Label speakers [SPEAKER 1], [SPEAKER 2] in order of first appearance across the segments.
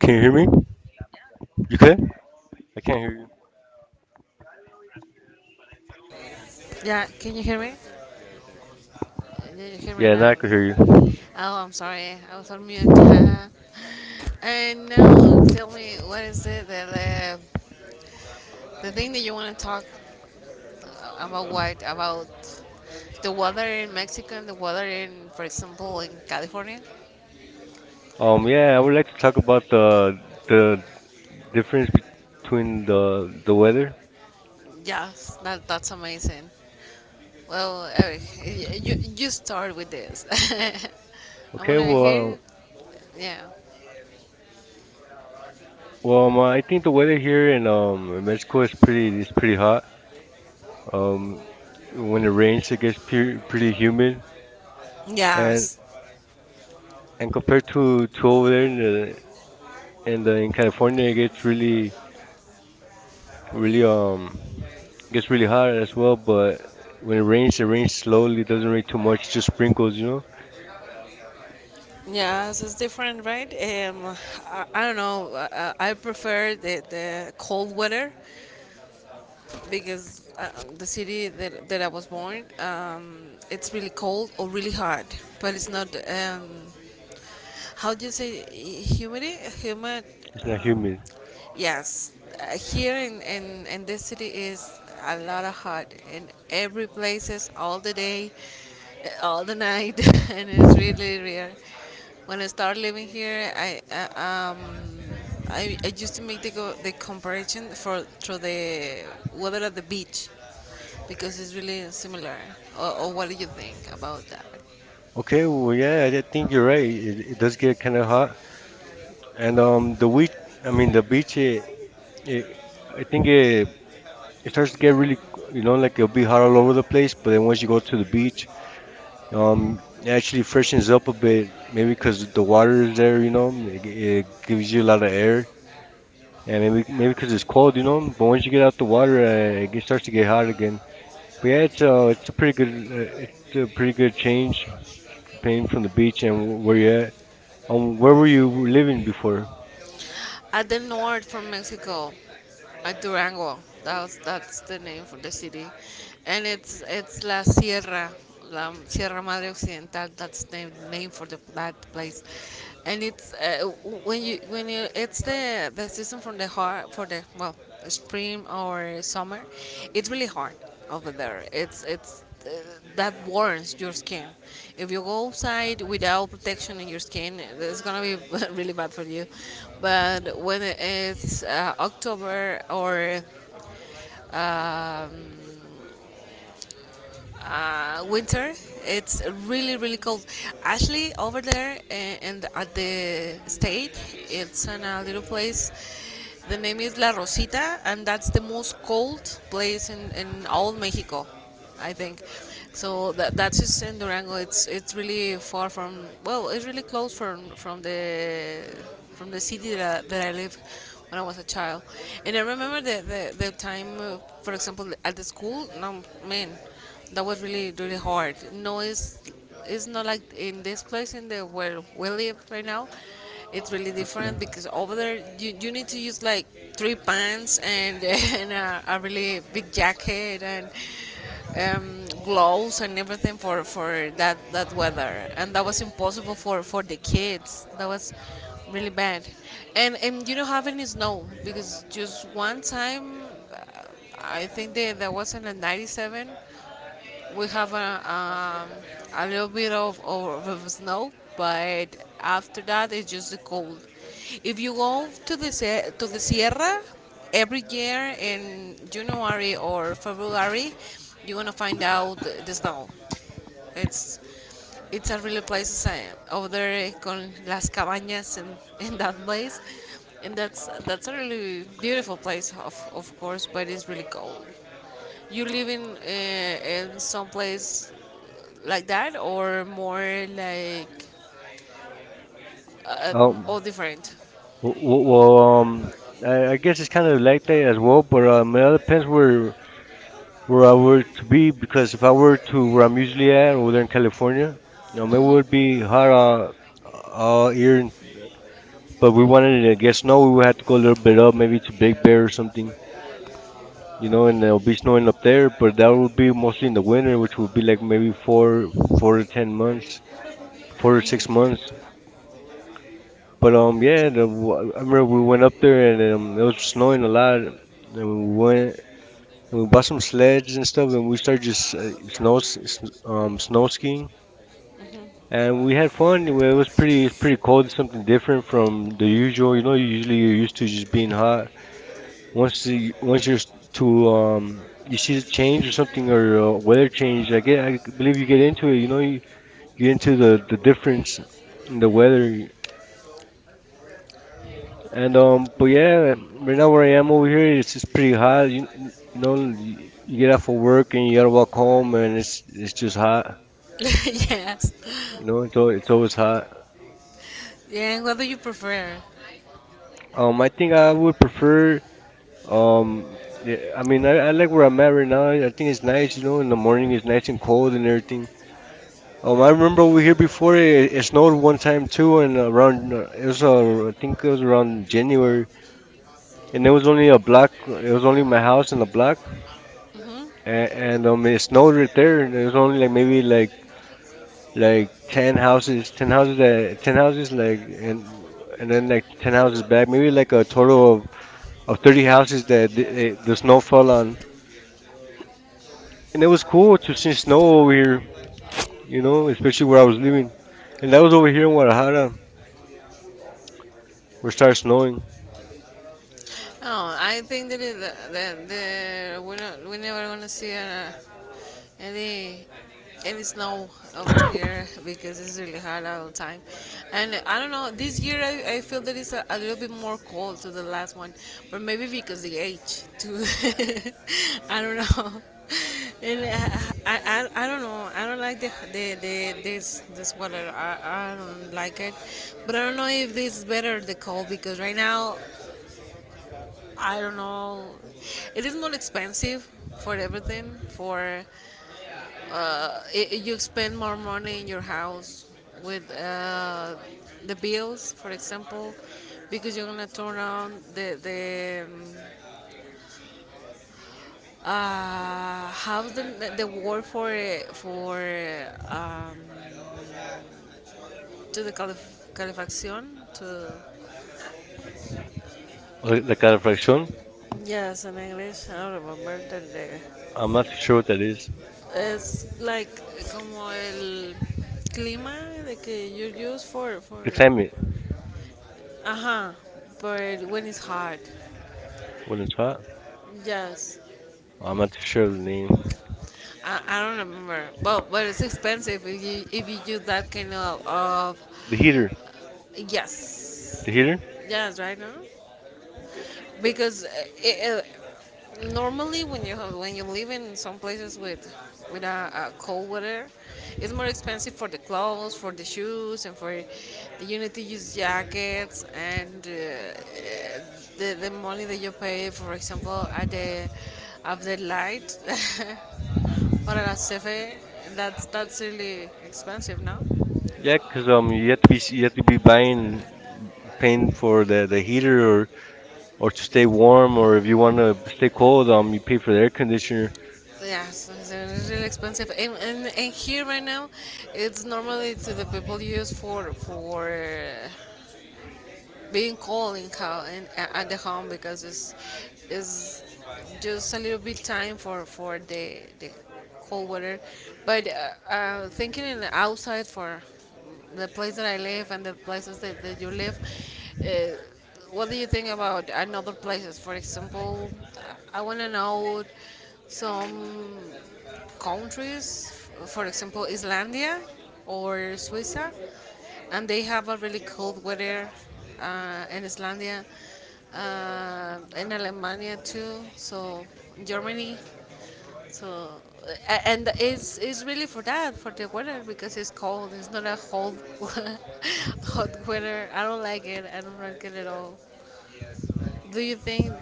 [SPEAKER 1] Can you hear me? You can? I can't hear you.
[SPEAKER 2] Yeah, can you hear me? Did you hear me now? Oh, I'm sorry, I was on mute. And now, tell me, what is it that the thing that you want to talk about? What about the weather in Mexico and the weather in, for example, in California?
[SPEAKER 1] Yeah, I would like to talk about the difference between the weather.
[SPEAKER 2] Yes, that's amazing. Well, Eric, you start with this. I'm
[SPEAKER 1] Okay,
[SPEAKER 2] gonna
[SPEAKER 1] well,
[SPEAKER 2] hear. Yeah.
[SPEAKER 1] well, I think the weather here in Mexico is pretty hot. Um, when it rains, it gets
[SPEAKER 2] Yes,
[SPEAKER 1] pretty humid, and
[SPEAKER 2] Yes.
[SPEAKER 1] and
[SPEAKER 2] Compared
[SPEAKER 1] compared
[SPEAKER 2] to,
[SPEAKER 1] to
[SPEAKER 2] to our
[SPEAKER 1] over there in the
[SPEAKER 2] area, and
[SPEAKER 1] in the
[SPEAKER 2] then in
[SPEAKER 1] in California,
[SPEAKER 2] California,
[SPEAKER 1] it gets
[SPEAKER 2] Grimmie is
[SPEAKER 1] really um
[SPEAKER 2] pretty
[SPEAKER 1] really hot as
[SPEAKER 2] high.
[SPEAKER 1] well. But when
[SPEAKER 2] Where rains, it
[SPEAKER 1] it rains
[SPEAKER 2] rains
[SPEAKER 1] slowly. Doesn't rain too
[SPEAKER 2] every.
[SPEAKER 1] much, just sprinkles.
[SPEAKER 2] Yes, it's different, right? I don't know. I prefer the cold weather because the city that I was born, it's really cold or really hot, but it's not. How do you say humidity? Humid.
[SPEAKER 1] It's not
[SPEAKER 2] Um,
[SPEAKER 1] humid.
[SPEAKER 2] yes, here in this city is a lot of hot in every places all the day, all the night, and it's really rare. When I started living here, I used to make the comparison for through the weather at the beach because it's really similar. Or what do you think about that?
[SPEAKER 1] Okay, well, yeah, I think you're right. It does get kind of hot, and I mean, the beach, it I think it, it starts to get really, like it'll be hot all over the place. But then once you go to the beach, um, it actually freshens up a bit, maybe because the water is there, it gives you a lot of air, and maybe because it's cold. But once you get out the water, starts to get hot again. But yeah, it's a pretty good change, paying from the beach and where you're at. Where were you
[SPEAKER 2] Thank
[SPEAKER 1] living before?
[SPEAKER 2] you at the north from Mexico, at Durango. That's the name for the city, and it's La Sierra, La Sierra Madre Occidental. That's the name for the that place, and it's w- when you it's the season for the hard for the well, spring or summer, it's really hard over there. It's That warms your skin. If you go outside without protection in your skin, it's gonna be really bad for you. But when it's October or um, winter. It's really really cold. Actually, over there and at the state, it's in a little place. The name is La Rosita, and that's the most cold place in all Mexico, I think. So that's just in Durango. It's really far from, well, it's really close from the city that I live when I was a child. And I remember the time, for example, at the school. No man that was really really hard. No, it's not like in this place in the where we live right now. It's really different because over there you need to use like three pants and and a really big jacket and gloves and everything for that weather, and that was impossible for the kids that was really bad. And you don't have any snow because just one time uh, I think there was in a 97 we have a little bit of snow, but after that it's just the cold. If you go to the Sierra every year in January or February, you're gonna find out the snow. It's it's a really place over there con las cabañas and in that place, and that's a really beautiful place of course, but it's really cold. You live in some place like that or more like uh,
[SPEAKER 1] Um,
[SPEAKER 2] or different.
[SPEAKER 1] w- w- well, um, I guess it's kind of like that as well, but it all depends where I were to be because if I were to where I'm usually at over there in California, it
[SPEAKER 2] hmm
[SPEAKER 1] would be hot all year.
[SPEAKER 2] So
[SPEAKER 1] But
[SPEAKER 2] we
[SPEAKER 1] we
[SPEAKER 2] went
[SPEAKER 1] wanted to
[SPEAKER 2] with
[SPEAKER 1] get
[SPEAKER 2] there's no
[SPEAKER 1] snow, we would have
[SPEAKER 2] method
[SPEAKER 1] to go a
[SPEAKER 2] of
[SPEAKER 1] little bit up, maybe
[SPEAKER 2] development
[SPEAKER 1] to
[SPEAKER 2] to
[SPEAKER 1] Big
[SPEAKER 2] take care
[SPEAKER 1] Bear
[SPEAKER 2] of
[SPEAKER 1] or something,
[SPEAKER 2] something.
[SPEAKER 1] and it'll be
[SPEAKER 2] There's no
[SPEAKER 1] snowing up
[SPEAKER 2] mistake
[SPEAKER 1] there. But
[SPEAKER 2] or
[SPEAKER 1] that would
[SPEAKER 2] balancing
[SPEAKER 1] be
[SPEAKER 2] for
[SPEAKER 1] mostly in the
[SPEAKER 2] the
[SPEAKER 1] winter,
[SPEAKER 2] winner or
[SPEAKER 1] which would be
[SPEAKER 2] something
[SPEAKER 1] like
[SPEAKER 2] like maybe
[SPEAKER 1] maybe four
[SPEAKER 2] or
[SPEAKER 1] to ten months,
[SPEAKER 2] something.
[SPEAKER 1] 4 to 6 months.
[SPEAKER 2] But
[SPEAKER 1] But yeah,
[SPEAKER 2] yeah,
[SPEAKER 1] I
[SPEAKER 2] I
[SPEAKER 1] remember
[SPEAKER 2] remember
[SPEAKER 1] we
[SPEAKER 2] we went
[SPEAKER 1] went
[SPEAKER 2] up
[SPEAKER 1] up
[SPEAKER 2] there and
[SPEAKER 1] there
[SPEAKER 2] it
[SPEAKER 1] and it was
[SPEAKER 2] was snowing
[SPEAKER 1] snowing a
[SPEAKER 2] a lot.
[SPEAKER 1] lot, and we
[SPEAKER 2] Well,
[SPEAKER 1] went and
[SPEAKER 2] and
[SPEAKER 1] we
[SPEAKER 2] bought
[SPEAKER 1] bought
[SPEAKER 2] some
[SPEAKER 1] some
[SPEAKER 2] sleds
[SPEAKER 1] sleds
[SPEAKER 2] and
[SPEAKER 1] and
[SPEAKER 2] stuff
[SPEAKER 1] stuff,
[SPEAKER 2] and
[SPEAKER 1] and
[SPEAKER 2] we
[SPEAKER 1] we
[SPEAKER 2] started
[SPEAKER 1] started just
[SPEAKER 2] snow, skis.
[SPEAKER 1] snow skiing,
[SPEAKER 2] And
[SPEAKER 1] and
[SPEAKER 2] we
[SPEAKER 1] we
[SPEAKER 2] had
[SPEAKER 1] had
[SPEAKER 2] fun
[SPEAKER 1] fun. It
[SPEAKER 2] and it was
[SPEAKER 1] was pretty it was
[SPEAKER 2] pretty,
[SPEAKER 1] pretty
[SPEAKER 2] cold,
[SPEAKER 1] cold, something
[SPEAKER 2] something different
[SPEAKER 1] different from the
[SPEAKER 2] from usual.
[SPEAKER 1] usual. Usually you're used to just being hot. Once the once you're s- to you see the change or something or weather change, I believe you get into it. You get into the difference in the weather. And But yeah, right now where I am over here, it's just pretty hot. You get out for work and you gotta walk home, and it's just hot.
[SPEAKER 2] Yes.
[SPEAKER 1] It's always hot.
[SPEAKER 2] Yeah, and what do you prefer?
[SPEAKER 1] I think I would prefer. Um, yeah, I mean, I like where
[SPEAKER 2] January.
[SPEAKER 1] I'm at right now. I think it's nice. In the morning it's nice and cold and everything. I remember over here before it snowed one time too, and around it was I think it was around January, and it
[SPEAKER 2] Was
[SPEAKER 1] was
[SPEAKER 2] only a
[SPEAKER 1] only a
[SPEAKER 2] black,
[SPEAKER 1] block.
[SPEAKER 2] it
[SPEAKER 1] It
[SPEAKER 2] was
[SPEAKER 1] was
[SPEAKER 2] only
[SPEAKER 1] only
[SPEAKER 2] my
[SPEAKER 1] my
[SPEAKER 2] house
[SPEAKER 1] house in the
[SPEAKER 2] and
[SPEAKER 1] block,
[SPEAKER 2] a black. hmm
[SPEAKER 1] and it snowed right
[SPEAKER 2] no,
[SPEAKER 1] there. There's only like maybe like
[SPEAKER 2] like like like
[SPEAKER 1] like 10 houses, 10 houses, that
[SPEAKER 2] like
[SPEAKER 1] 10 houses like,
[SPEAKER 2] like
[SPEAKER 1] and then like 10 houses back, maybe like a total
[SPEAKER 2] like
[SPEAKER 1] of 30
[SPEAKER 2] like
[SPEAKER 1] houses that the snow fell on. And it was cool to see snow over here, especially where I was
[SPEAKER 2] like
[SPEAKER 1] living, and that was
[SPEAKER 2] huh?
[SPEAKER 1] over here in Guadalajara where it started snowing.
[SPEAKER 2] Oh, I think that it, that the we're never gonna see any any snow over here because it's really hot all the time, and I don't know. This year I feel that it's a little bit more cold to the last one, but maybe because the age too. I don't know. And I, I, I don't know. I don't like the this this weather. I don't like it, but I don't know if this is better the cold because right now I don't know. It is more expensive for everything. For I you spend more money in your house with the bills, for example, because you're gonna turn on the have the war for um, to the calefacción to.
[SPEAKER 1] La calefacción.
[SPEAKER 2] Yes, in English, I don't remember the.
[SPEAKER 1] I'm not too sure what that is.
[SPEAKER 2] It's like como el clima de que you use for
[SPEAKER 1] The
[SPEAKER 2] for
[SPEAKER 1] climate.
[SPEAKER 2] Climate. Ajá, but when it's hot.
[SPEAKER 1] When it's hot.
[SPEAKER 2] Yes.
[SPEAKER 1] I'm not too sure of the name.
[SPEAKER 2] I don't remember. Well, but it's expensive if you use that kind of.
[SPEAKER 1] The heater.
[SPEAKER 2] Yes.
[SPEAKER 1] The heater.
[SPEAKER 2] Yes, right now. Because normally when when you live in some places with a cold weather, it's more expensive for the clothes, for the shoes, and for the you need to use jackets and the money that you pay, for example, at the light or at a cafe. That's really expensive now.
[SPEAKER 1] Yeah, 'cause
[SPEAKER 2] Yeah,
[SPEAKER 1] you have to be
[SPEAKER 2] um,
[SPEAKER 1] you have to be buying paying for the heater, or
[SPEAKER 2] to
[SPEAKER 1] to
[SPEAKER 2] stay
[SPEAKER 1] stay
[SPEAKER 2] warm
[SPEAKER 1] warm,
[SPEAKER 2] or
[SPEAKER 1] or if
[SPEAKER 2] if
[SPEAKER 1] you
[SPEAKER 2] you want
[SPEAKER 1] want to
[SPEAKER 2] to stay
[SPEAKER 1] stay
[SPEAKER 2] cold,
[SPEAKER 1] cold,
[SPEAKER 2] I'm
[SPEAKER 1] you
[SPEAKER 2] looking
[SPEAKER 1] pay
[SPEAKER 2] for
[SPEAKER 1] for the
[SPEAKER 2] air
[SPEAKER 1] air
[SPEAKER 2] conditioning.
[SPEAKER 1] conditioner.
[SPEAKER 2] Yeah, so it's really expensive. And here right now, it's normally to the people use for being cold in how in, at the home because it's just a little bit time for the cold weather. But thinking in the outside for the place that I live and the places that you live, uh, what do you think about another places? For example, I want to know some countries, for example islandia or suiza, and they have a really cold weather. Uh, in Islandia, in Alemania too. So Germany. So and it's really for that for the weather because it's cold. It's not a cold hot weather. I don't like it. I don't like it at all. Do you think,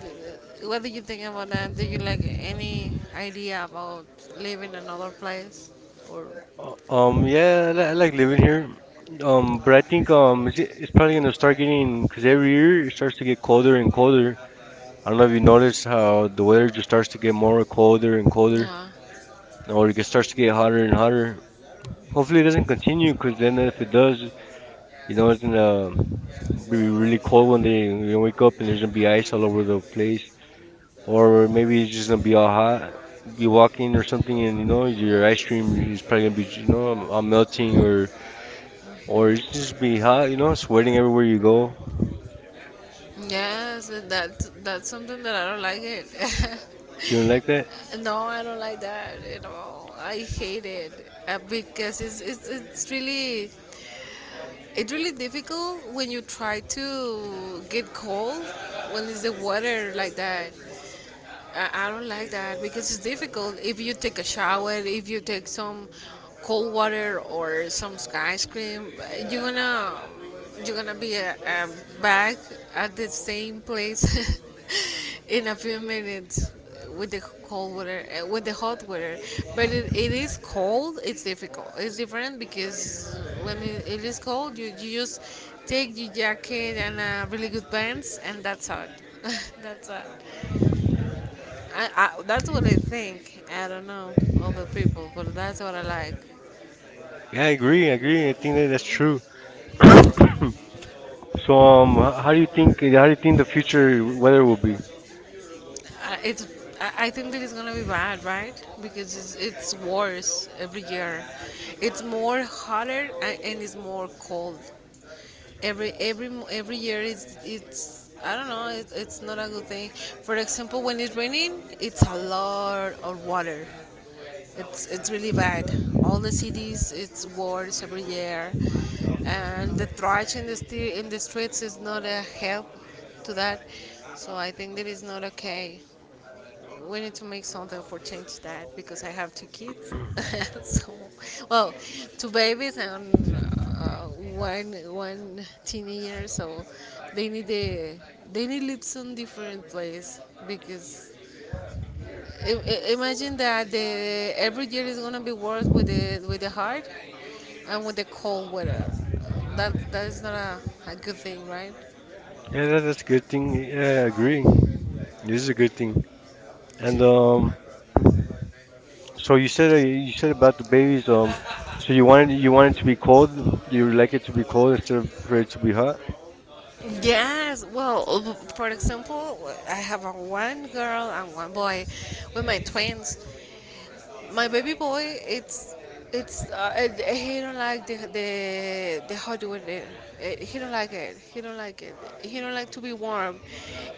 [SPEAKER 2] what do you think about that? Do you like any idea about living in another place? Or,
[SPEAKER 1] Yeah, I,
[SPEAKER 2] yeah, I,
[SPEAKER 1] li-
[SPEAKER 2] I
[SPEAKER 1] I
[SPEAKER 2] like
[SPEAKER 1] like
[SPEAKER 2] living
[SPEAKER 1] living
[SPEAKER 2] here.
[SPEAKER 1] here,
[SPEAKER 2] But
[SPEAKER 1] but
[SPEAKER 2] I
[SPEAKER 1] I
[SPEAKER 2] think
[SPEAKER 1] think
[SPEAKER 2] it's
[SPEAKER 1] it's probably
[SPEAKER 2] probably gonna
[SPEAKER 1] gonna
[SPEAKER 2] start
[SPEAKER 1] start getting,
[SPEAKER 2] getting,
[SPEAKER 1] because
[SPEAKER 2] every
[SPEAKER 1] every
[SPEAKER 2] year
[SPEAKER 1] year
[SPEAKER 2] it
[SPEAKER 1] it
[SPEAKER 2] starts
[SPEAKER 1] starts
[SPEAKER 2] to
[SPEAKER 1] to
[SPEAKER 2] get
[SPEAKER 1] get
[SPEAKER 2] colder
[SPEAKER 1] colder
[SPEAKER 2] and
[SPEAKER 1] and
[SPEAKER 2] colder.
[SPEAKER 1] colder. I don't
[SPEAKER 2] I
[SPEAKER 1] know
[SPEAKER 2] do
[SPEAKER 1] if
[SPEAKER 2] you
[SPEAKER 1] you
[SPEAKER 2] notice,
[SPEAKER 1] notice how
[SPEAKER 2] the
[SPEAKER 1] the
[SPEAKER 2] weather
[SPEAKER 1] weather
[SPEAKER 2] just
[SPEAKER 1] just
[SPEAKER 2] starts
[SPEAKER 1] starts
[SPEAKER 2] to
[SPEAKER 1] to
[SPEAKER 2] get
[SPEAKER 1] get
[SPEAKER 2] more
[SPEAKER 1] more
[SPEAKER 2] cold
[SPEAKER 1] colder
[SPEAKER 2] and
[SPEAKER 1] and
[SPEAKER 2] colder.
[SPEAKER 1] colder,
[SPEAKER 2] Yeah. Or
[SPEAKER 1] or
[SPEAKER 2] it
[SPEAKER 1] starts
[SPEAKER 2] starts to
[SPEAKER 1] to
[SPEAKER 2] get
[SPEAKER 1] get hotter
[SPEAKER 2] hotter
[SPEAKER 1] and
[SPEAKER 2] and hotter.
[SPEAKER 1] hotter.
[SPEAKER 2] Hopefully
[SPEAKER 1] Hopefully
[SPEAKER 2] it
[SPEAKER 1] it
[SPEAKER 2] doesn't
[SPEAKER 1] doesn't
[SPEAKER 2] continue
[SPEAKER 1] continue,
[SPEAKER 2] because
[SPEAKER 1] because
[SPEAKER 2] then
[SPEAKER 1] then
[SPEAKER 2] it
[SPEAKER 1] if it does you
[SPEAKER 2] does, it
[SPEAKER 1] know
[SPEAKER 2] was
[SPEAKER 1] it's
[SPEAKER 2] in the
[SPEAKER 1] gonna be
[SPEAKER 2] really
[SPEAKER 1] really
[SPEAKER 2] cold
[SPEAKER 1] cold
[SPEAKER 2] when
[SPEAKER 1] one
[SPEAKER 2] you,
[SPEAKER 1] day.
[SPEAKER 2] you
[SPEAKER 1] You
[SPEAKER 2] work
[SPEAKER 1] wake
[SPEAKER 2] out
[SPEAKER 1] up and there's gonna
[SPEAKER 2] for the
[SPEAKER 1] be
[SPEAKER 2] ice
[SPEAKER 1] ice
[SPEAKER 2] and
[SPEAKER 1] all
[SPEAKER 2] it's
[SPEAKER 1] over the
[SPEAKER 2] like
[SPEAKER 1] place.
[SPEAKER 2] freeze. Or
[SPEAKER 1] Or
[SPEAKER 2] maybe
[SPEAKER 1] maybe it's
[SPEAKER 2] it's
[SPEAKER 1] just
[SPEAKER 2] just
[SPEAKER 1] gonna
[SPEAKER 2] gonna
[SPEAKER 1] be all
[SPEAKER 2] be all
[SPEAKER 1] hot.
[SPEAKER 2] hot. You
[SPEAKER 1] Be
[SPEAKER 2] walk in
[SPEAKER 1] walking
[SPEAKER 2] or
[SPEAKER 1] or
[SPEAKER 2] something
[SPEAKER 1] something, and
[SPEAKER 2] and you try
[SPEAKER 1] your ice cream is
[SPEAKER 2] to
[SPEAKER 1] probably gonna
[SPEAKER 2] melt
[SPEAKER 1] be
[SPEAKER 2] to your,
[SPEAKER 1] you know I'm, I
[SPEAKER 2] you know you're gonna be straight, you're gonna be melting
[SPEAKER 1] melting,
[SPEAKER 2] and you're
[SPEAKER 1] or it's
[SPEAKER 2] gonna
[SPEAKER 1] just
[SPEAKER 2] be
[SPEAKER 1] be hot. Sweating
[SPEAKER 2] wherever
[SPEAKER 1] everywhere
[SPEAKER 2] you
[SPEAKER 1] you go.
[SPEAKER 2] go. Yes, that's something that I don't like it.
[SPEAKER 1] You don't like that?
[SPEAKER 2] No, I don't like that at all. I hate it. Uh, because it's really difficult when you try to get cold when it's the water like that. I don't like that because it's difficult. If you take a shower, if you take some cold water or some ice cream, you're gonna you're gonna be back at the same place in a few minutes with the with the hot water, but it is cold, it's difficult, it's different, because when it is cold you just take your jacket and really good pants, and that's all. That's all. I, I That's what I think. I don't know other people, but that's what I like.
[SPEAKER 1] Yeah, I agree. I agree. I think that that's true. So how do you think the future weather will be?
[SPEAKER 2] I, it's I think that it's gonna be bad, right? Because it's worse every year. It's more hotter and it's more cold. Every year it's I don't know. It's not a good thing. For example, when it's raining, it's a lot of water. It's really bad. All the cities, it's wars every year, and the trash in the streets is not a help to that. So I think that is not okay. We need to make something for change that because I have two kids. So, well, two babies and uh, one teenager. So they need a they need lives on different place, because Imagine that the every year is gonna be worse with the hard and with the cold weather. That is not a good thing, right?
[SPEAKER 1] Yeah, that's a good thing. Yeah, I agree. This is a good thing. And So you said about the babies. So you wanted to be cold. You like it to be cold instead of for it to be hot.
[SPEAKER 2] Yes. Well, for example, I have a one girl and one boy with my twins. My baby boy, it's it's and he don't like the hot weather. He don't like it, he don't like to be warm.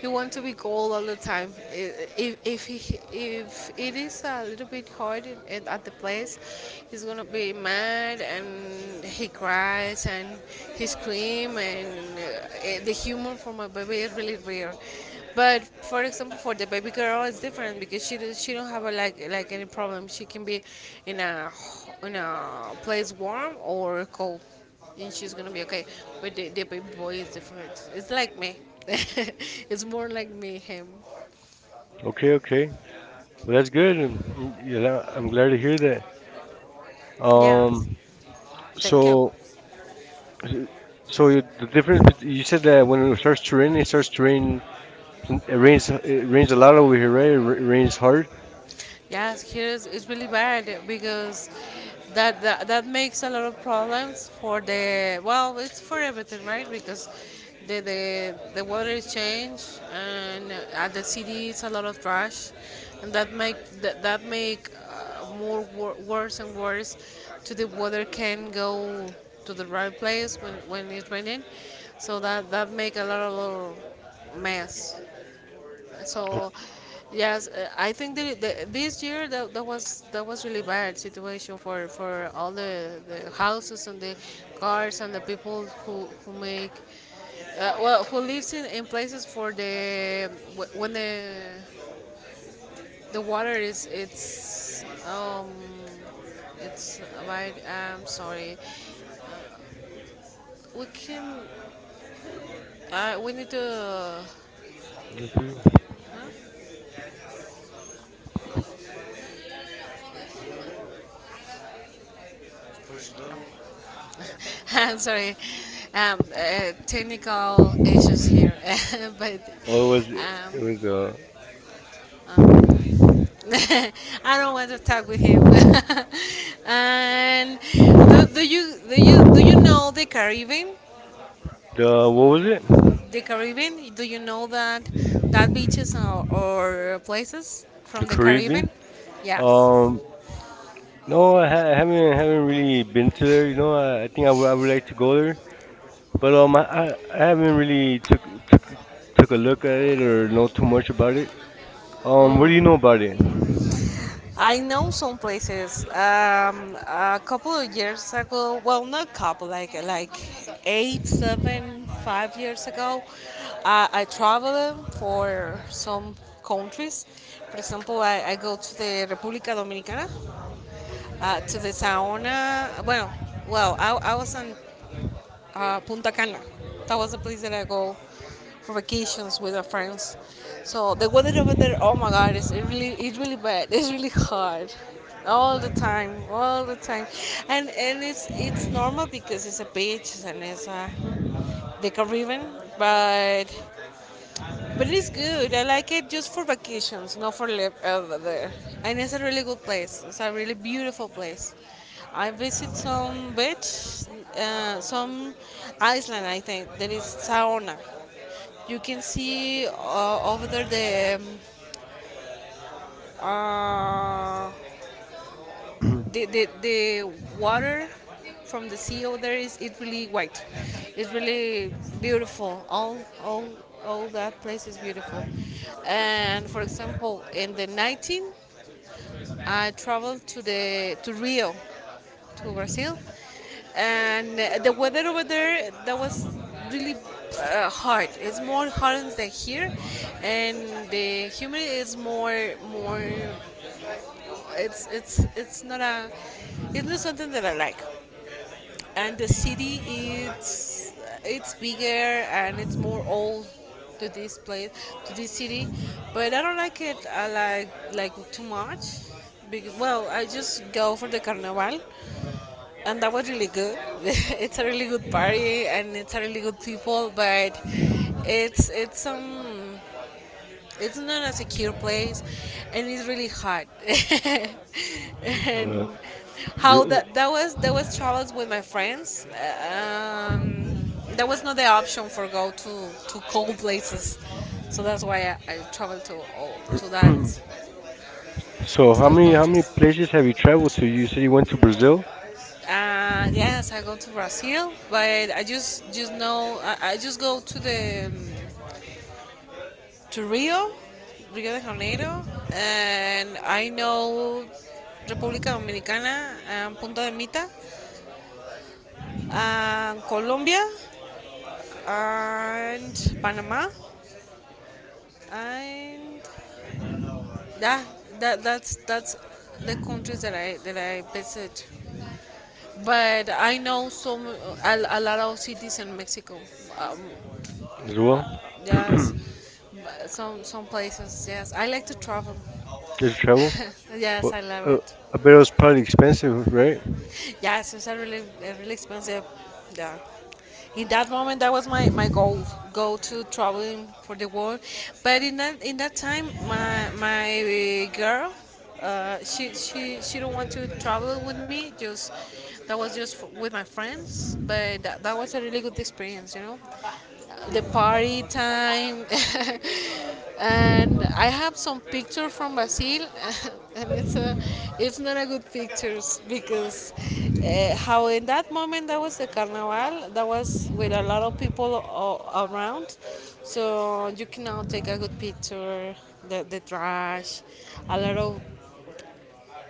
[SPEAKER 2] He wants to be cold all the time. If he, if it is a little bit hot at the place, he's gonna be mad, and he cries, and his cream, and the humor for my baby is really rare. But for example, for the baby girl, it's different because she don't have a, like any problem. She can be in a in a place warm or cold, and she's gonna be okay. But the baby boy is different. It's like me. It's more like me him.
[SPEAKER 1] Okay, okay. Well, that's good, and I'm glad to hear that.
[SPEAKER 2] Yeah.
[SPEAKER 1] Um,
[SPEAKER 2] Thank you.
[SPEAKER 1] so, so,
[SPEAKER 2] So
[SPEAKER 1] you said that when it starts to rain, it starts to rain. It rains. It rains a lot over here, right? It rains hard.
[SPEAKER 2] yes, here is it's really bad because that makes a lot of problems for the, well, it's for everything, right? Because the water is changed, and at the city it's a lot of trash, and that make more worse and worse, to the water can go to the right place when it's raining, so that make a lot of little mess.
[SPEAKER 1] Oh,
[SPEAKER 2] So, yes, I think this year that was really bad situation, for all the houses, and the cars, and the people who make, well, who lives in places for the, when the water is it's, it's, right, I'm sorry, we can, we need to.
[SPEAKER 1] okay.
[SPEAKER 2] I'm sorry, technical issues here. But
[SPEAKER 1] Well,
[SPEAKER 2] um,
[SPEAKER 1] it was
[SPEAKER 2] I don't want to talk with him. And do you know the Caribbean?
[SPEAKER 1] the what was it?
[SPEAKER 2] The Caribbean? Do you know that, beaches or places
[SPEAKER 1] The
[SPEAKER 2] from the
[SPEAKER 1] Caribbean.
[SPEAKER 2] Caribbean? Yes.
[SPEAKER 1] Um, no, I haven't really been to there. I think I would like to go there, but I haven't really took took a look at it or know too much about it. What do you know about it?
[SPEAKER 2] I know some places. A couple of years ago, well, not couple, like eight, seven, 5 years ago, I traveled for some countries. For example, I go to the República Dominicana, to the Saona. Well, I was in, Punta Cana. That was the place that I go for vacations with our friends. So the weather over there, oh my God, it's really bad. It's really hard, all the time, and it's normal because it's a beach and it's a, the Caribbean, but but it is good. I like it just for vacations, not for live over there. And it's a really good place. It's a really beautiful place. I visit some beach, some island. I think there is sauna. You can see, over there, the, um, uh, the water from the sea over there is it really white, it's really beautiful. All all all that place is beautiful. And for example, in the 19, I traveled to Rio, to Brazil, and, the weather over there, that was really, hard. It's more hard than here. And the humidity is more. it's it's it's not a it's not something that I like. And the city, it's it's bigger, and it's more old, to this place, to this city. But I don't like it. I like too much, because, well, I just go for the carnival, and that was really good. It's a really good party, and it's a really good people, but it's it's um it's not a secure place, and it's really hot. And
[SPEAKER 1] Uh,
[SPEAKER 2] how
[SPEAKER 1] do-
[SPEAKER 2] that was challenge with my friends. That was not the option for go to cold places, so that's why I traveled
[SPEAKER 1] so
[SPEAKER 2] to
[SPEAKER 1] how
[SPEAKER 2] that
[SPEAKER 1] many how many
[SPEAKER 2] countries.
[SPEAKER 1] places have you traveled to? You said you went to Brazil
[SPEAKER 2] Yes, I go to Brazil, but I just know I just go to the, to Rio, Rio de Janeiro, and I know República Dominicana, and Punta de Mita, and Colombia, and Panama, and, yeah, that's the countries that I visit. But I know some a lot of cities in Mexico. Um,
[SPEAKER 1] as well.
[SPEAKER 2] yes, some places. Yes, I like to travel.
[SPEAKER 1] Did you travel? Well,
[SPEAKER 2] Yes, I love
[SPEAKER 1] uh,
[SPEAKER 2] it.
[SPEAKER 1] I bet it was probably expensive, right?
[SPEAKER 2] Yes, it's a really expensive. Yeah. In that moment, that was my goal, go to traveling for the world. But in that time, my girl, she don't want to travel with me. Just that was just f with my friends. But that was a really good experience, you know. The party time. And I have some picture from Brazil, and it's not a good pictures because, how in that moment that was the carnival, that was with a lot of people around, so you cannot take a good picture, the trash, a lot of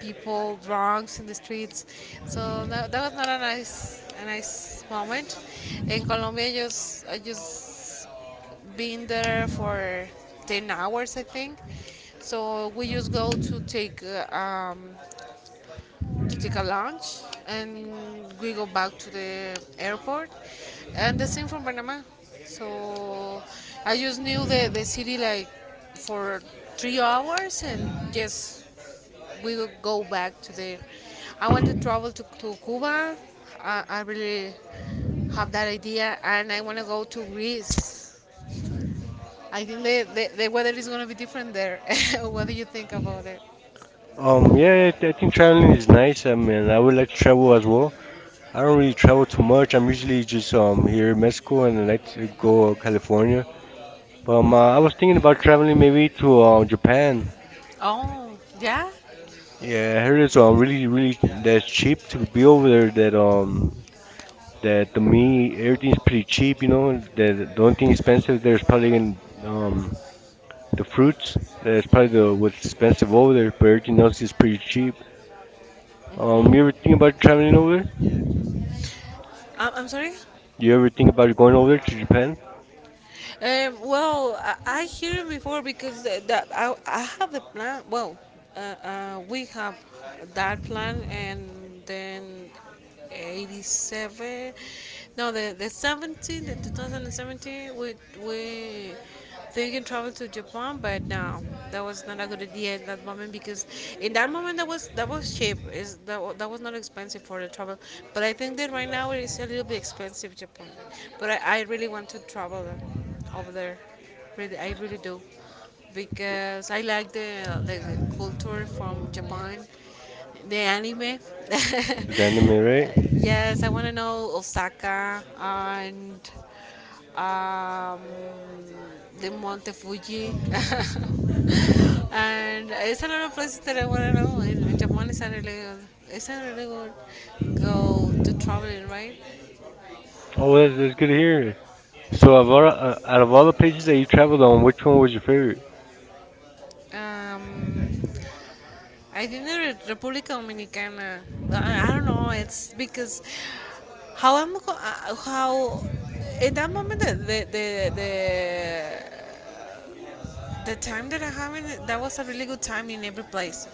[SPEAKER 2] people drunks in the streets. So that was not a nice, moment. In Colombia, I just been there for 10 hours, I think. So we just go to take, to take a lunch, and we go back to the airport, and the same from Panama. So I just knew the city like for 3 hours, and just we will go back to there. I want to travel to Cuba. I really have that idea, and I want to go to Greece. I think the weather is going to be different there. What do you think about it? Yeah,
[SPEAKER 1] Yeah, I think traveling is
[SPEAKER 2] nice.
[SPEAKER 1] nice. I mean, I would like to travel as
[SPEAKER 2] like
[SPEAKER 1] well. I don't really travel too
[SPEAKER 2] like
[SPEAKER 1] much. I'm usually just here in
[SPEAKER 2] well.
[SPEAKER 1] Mexico, and I like to go California. But I was
[SPEAKER 2] Um,
[SPEAKER 1] thinking about traveling maybe to
[SPEAKER 2] uh,
[SPEAKER 1] Japan.
[SPEAKER 2] Oh, yeah?
[SPEAKER 1] Yeah, I heard it's really really that's cheap to be over there. That to me, everything's pretty cheap. The only thing expensive, there's probably in the fruits. That's probably the what's expensive over there. But everything else is pretty cheap. You ever think about traveling over there?
[SPEAKER 2] I'm sorry?
[SPEAKER 1] You ever think about going over there to Japan?
[SPEAKER 2] Well, I hear it before because, that I have the plan. Well, we have that plan, and then 87. No, the 17, the 2017. We thinking travel to Japan, but no, that was not a good idea at that moment because in that moment that was cheap. Is that was not expensive for the travel, but I think that right now it is a little bit expensive Japan. But I really want to travel over there. Really, I really do, because I like the culture from Japan, the anime.
[SPEAKER 1] Anime, right?
[SPEAKER 2] Yes, I want to know Osaka and, um, the Monte Fuji. And it's a lot of places that I want to know. In Japan, it's a really good, it's a really good go to traveling, right?
[SPEAKER 1] Oh, that's good to hear. So, out of all the places that you traveled on, which one was your favorite?
[SPEAKER 2] Um, I think the República Dominicana. I don't know. It's because how in that moment the time that I have in it, that was a really good time in every place,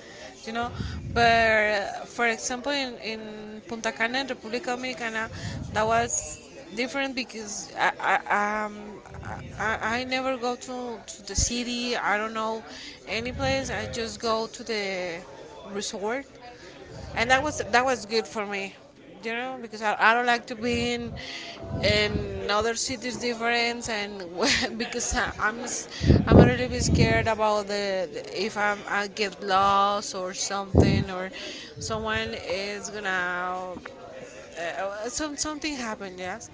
[SPEAKER 2] you know. But, for example, in Punta Cana, República Dominicana, that was different because I, um, I never go to the city. I don't know any place. I just go to the resort, and that was good for me, you know, because I don't like to be in other cities different, and because I'm a little bit scared about the, if I get lost or something, or someone is gonna, something happened, yes,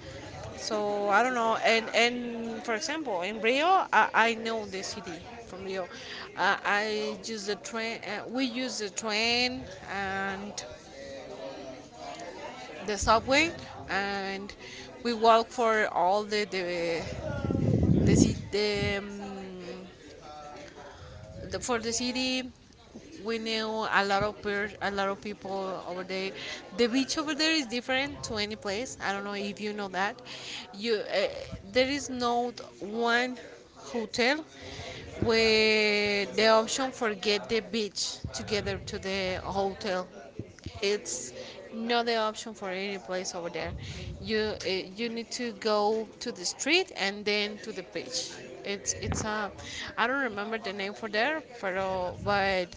[SPEAKER 2] so I don't know. And for example, in Rio, I know the city from Rio. I use the train we use the train, and the subway, and we walk for all the the, ci- the, um, for the city. We knew a lot of people over there. The beach over there is different to any place. I don't know if you know that. You, there is no one hotel where the option for get the beach together to the hotel, it's not the option for any place over there. You uh, you need to go to the street and then to the beach. It's a I don't remember the name for there, pero, but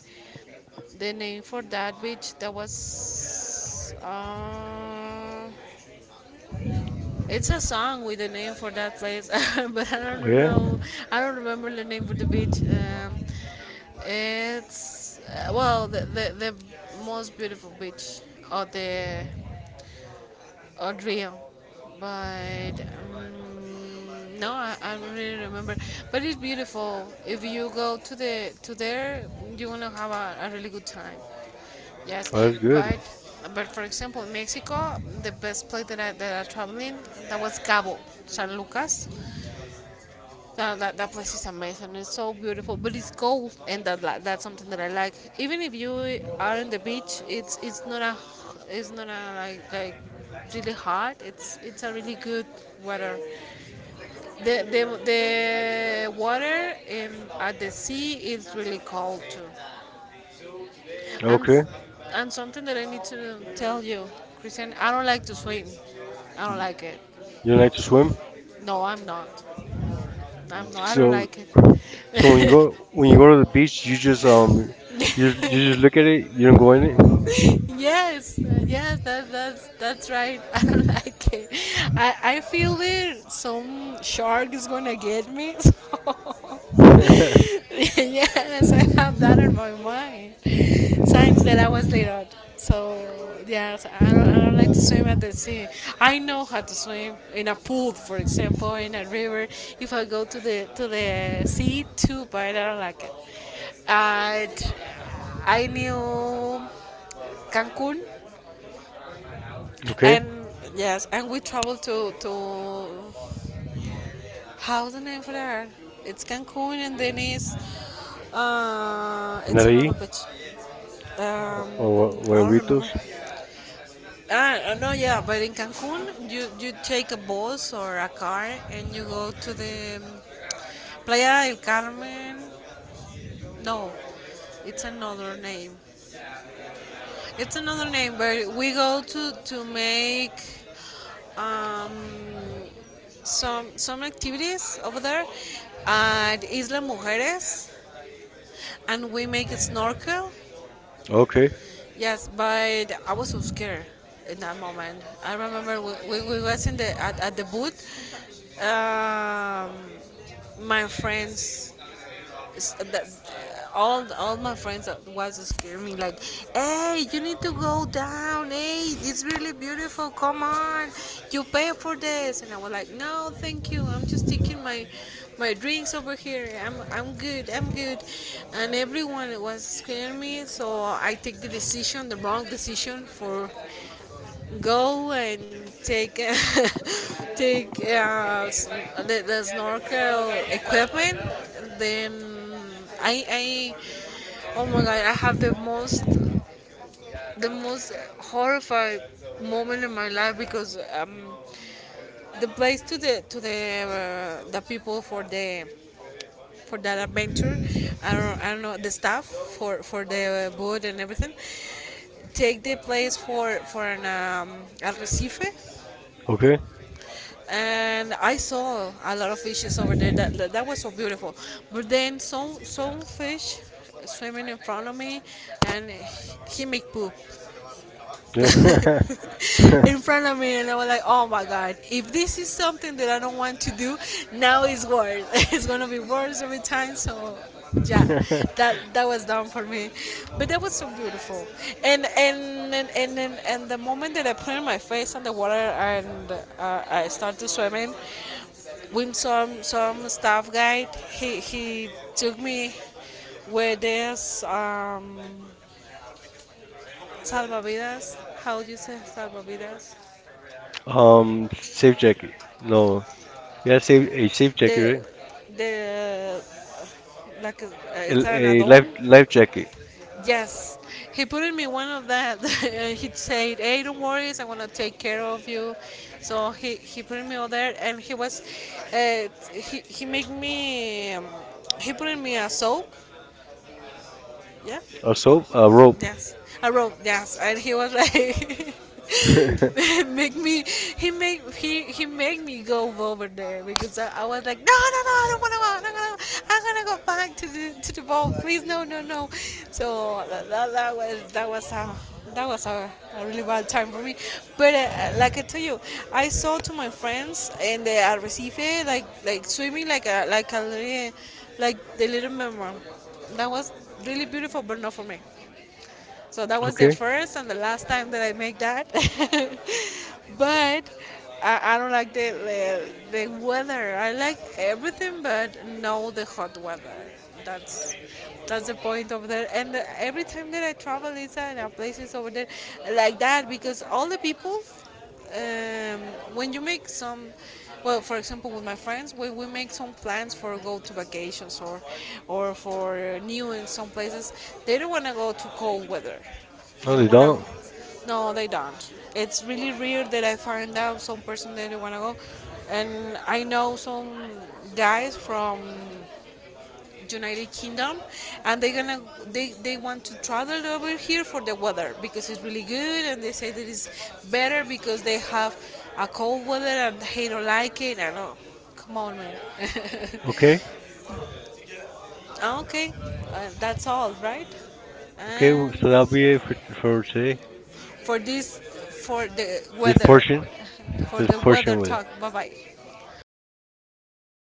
[SPEAKER 2] the name for that beach that was, it's a song with the name for that place. But I
[SPEAKER 1] Oh,
[SPEAKER 2] don't
[SPEAKER 1] yeah,
[SPEAKER 2] know. I don't remember the name for the beach. It's, well, the most beautiful beach of the Audrey. But, no, I don't really remember. But it's beautiful. If you go to there, you wanna have a really good time. Yes,
[SPEAKER 1] oh, that's good.
[SPEAKER 2] but but for example, in Mexico, the best place that I traveling, that was Cabo San Lucas. That place is amazing. It's so beautiful, but it's cold, and that's something that I like. Even if you are on the beach, it's not a, like really hot. It's a really good weather. The water in at the sea is really cold too. And
[SPEAKER 1] Okay,
[SPEAKER 2] and something that I need to tell you, Christian, I don't like to swim. I don't like it.
[SPEAKER 1] you like to swim.
[SPEAKER 2] No, I'm not. I'm not. I don't
[SPEAKER 1] So,
[SPEAKER 2] like
[SPEAKER 1] so, when you
[SPEAKER 2] it.
[SPEAKER 1] go to the beach, you just look at it. You don't go in it.
[SPEAKER 2] Yes, yes, that's right. I don't like it. I feel it. Some shark is gonna get me. So yes, I have that in my mind since that I was little. So yes, I don't like to swim at the sea. I know how to swim in a pool, for example, in a river. If I go to the sea too, but I don't like it. And I knew Cancun.
[SPEAKER 1] Okay.
[SPEAKER 2] And yes, and we travel to how's the name for that? It's Cancun, and then it's
[SPEAKER 1] Nari
[SPEAKER 2] another beach.
[SPEAKER 1] or
[SPEAKER 2] I don't
[SPEAKER 1] huevitos.
[SPEAKER 2] remember. Ah, no, yeah, but in Cancun, you take a bus or a car, and you go to the Playa del Carmen. No, it's another name. It's another name, but we go to make um, some activities over there at Isla Mujeres, and we make a snorkel.
[SPEAKER 1] Okay.
[SPEAKER 2] Yes, but I was so scared in that moment. I remember we was in the at the booth. Um, my friends that all my friends that was scaring me like, hey, you need to go down, hey, it's really beautiful, come on, you pay for this. And I was like, no thank you, I'm just taking my my drinks over here, I'm good, I'm good. And everyone was scaring me, so I take the decision, the wrong decision, for go and take take uh, s- the snorkel equipment. Then I oh my god, I have the most horrified moment in my life because the place to the the people for the for that adventure. I don't know the staff for the boat and everything, take the place for an arrecife.
[SPEAKER 1] Okay.
[SPEAKER 2] And I saw a lot of fishes over there. That was so beautiful. But then some fish swimming in front of me, and he make poop in front of me, and I was like, oh my god! If this is something that I don't want to do, now it's worse. It's gonna be worse every time. So. Yeah, that was done for me, but that was so beautiful, and, the moment that I put in my face on the water and I start to swimming. Windstorm, some staff guide. He took me where there's salvavidas. How do you say salvavidas? Um,
[SPEAKER 1] Safe jacket.
[SPEAKER 2] No.
[SPEAKER 1] No, yeah, safe a safe jacket,
[SPEAKER 2] The
[SPEAKER 1] right?
[SPEAKER 2] the like
[SPEAKER 1] A,
[SPEAKER 2] it's an
[SPEAKER 1] a
[SPEAKER 2] add-on.
[SPEAKER 1] life jacket.
[SPEAKER 2] Yes, he put in me one of that. He said, "Hey, don't worry, I'm gonna take care of you." So he put in me over there, and he was, uh, he made me, he put in me a soap, yeah.
[SPEAKER 1] A soap, a rope.
[SPEAKER 2] Yes, I wrote yes, and he was like, make me, he made me go over there because I was like, no no no, I don't wanna go, I'm gonna go back to the ball, please no no no. So that was that was a really bad time for me. But like I tell you, I saw to my friends in the Arrecife like swimming like a little like the little mermaid. That was really beautiful, but not for me. So that was the
[SPEAKER 1] Okay.
[SPEAKER 2] first and the last time that I make that. But I don't like the weather. I like everything, but no the hot weather. That's that's the point of there. And every time that I travel, Lisa, and our places over there, like that, because all the people um, when you make some, well, for example, with my friends, when we make some plans for go to vacations or for new in some places, they don't want to go to cold weather.
[SPEAKER 1] No,
[SPEAKER 2] They
[SPEAKER 1] they
[SPEAKER 2] don't want to go.
[SPEAKER 1] don't.
[SPEAKER 2] No, they don't. It's really rare that I find out some person that they want to go. And I know some guys from United Kingdom, and they're gonna they want to travel over here for the weather because it's really good, and they say that it's better because they have a cold weather and they don't like it. I know. Come on, man.
[SPEAKER 1] Okay.
[SPEAKER 2] Okay, that's all, right?
[SPEAKER 1] Okay. So
[SPEAKER 2] And
[SPEAKER 1] that'll be it for today.
[SPEAKER 2] for this, for the
[SPEAKER 1] This
[SPEAKER 2] weather,
[SPEAKER 1] portion.
[SPEAKER 2] for
[SPEAKER 1] This
[SPEAKER 2] the weather
[SPEAKER 1] portion with it.
[SPEAKER 2] talk. Bye bye.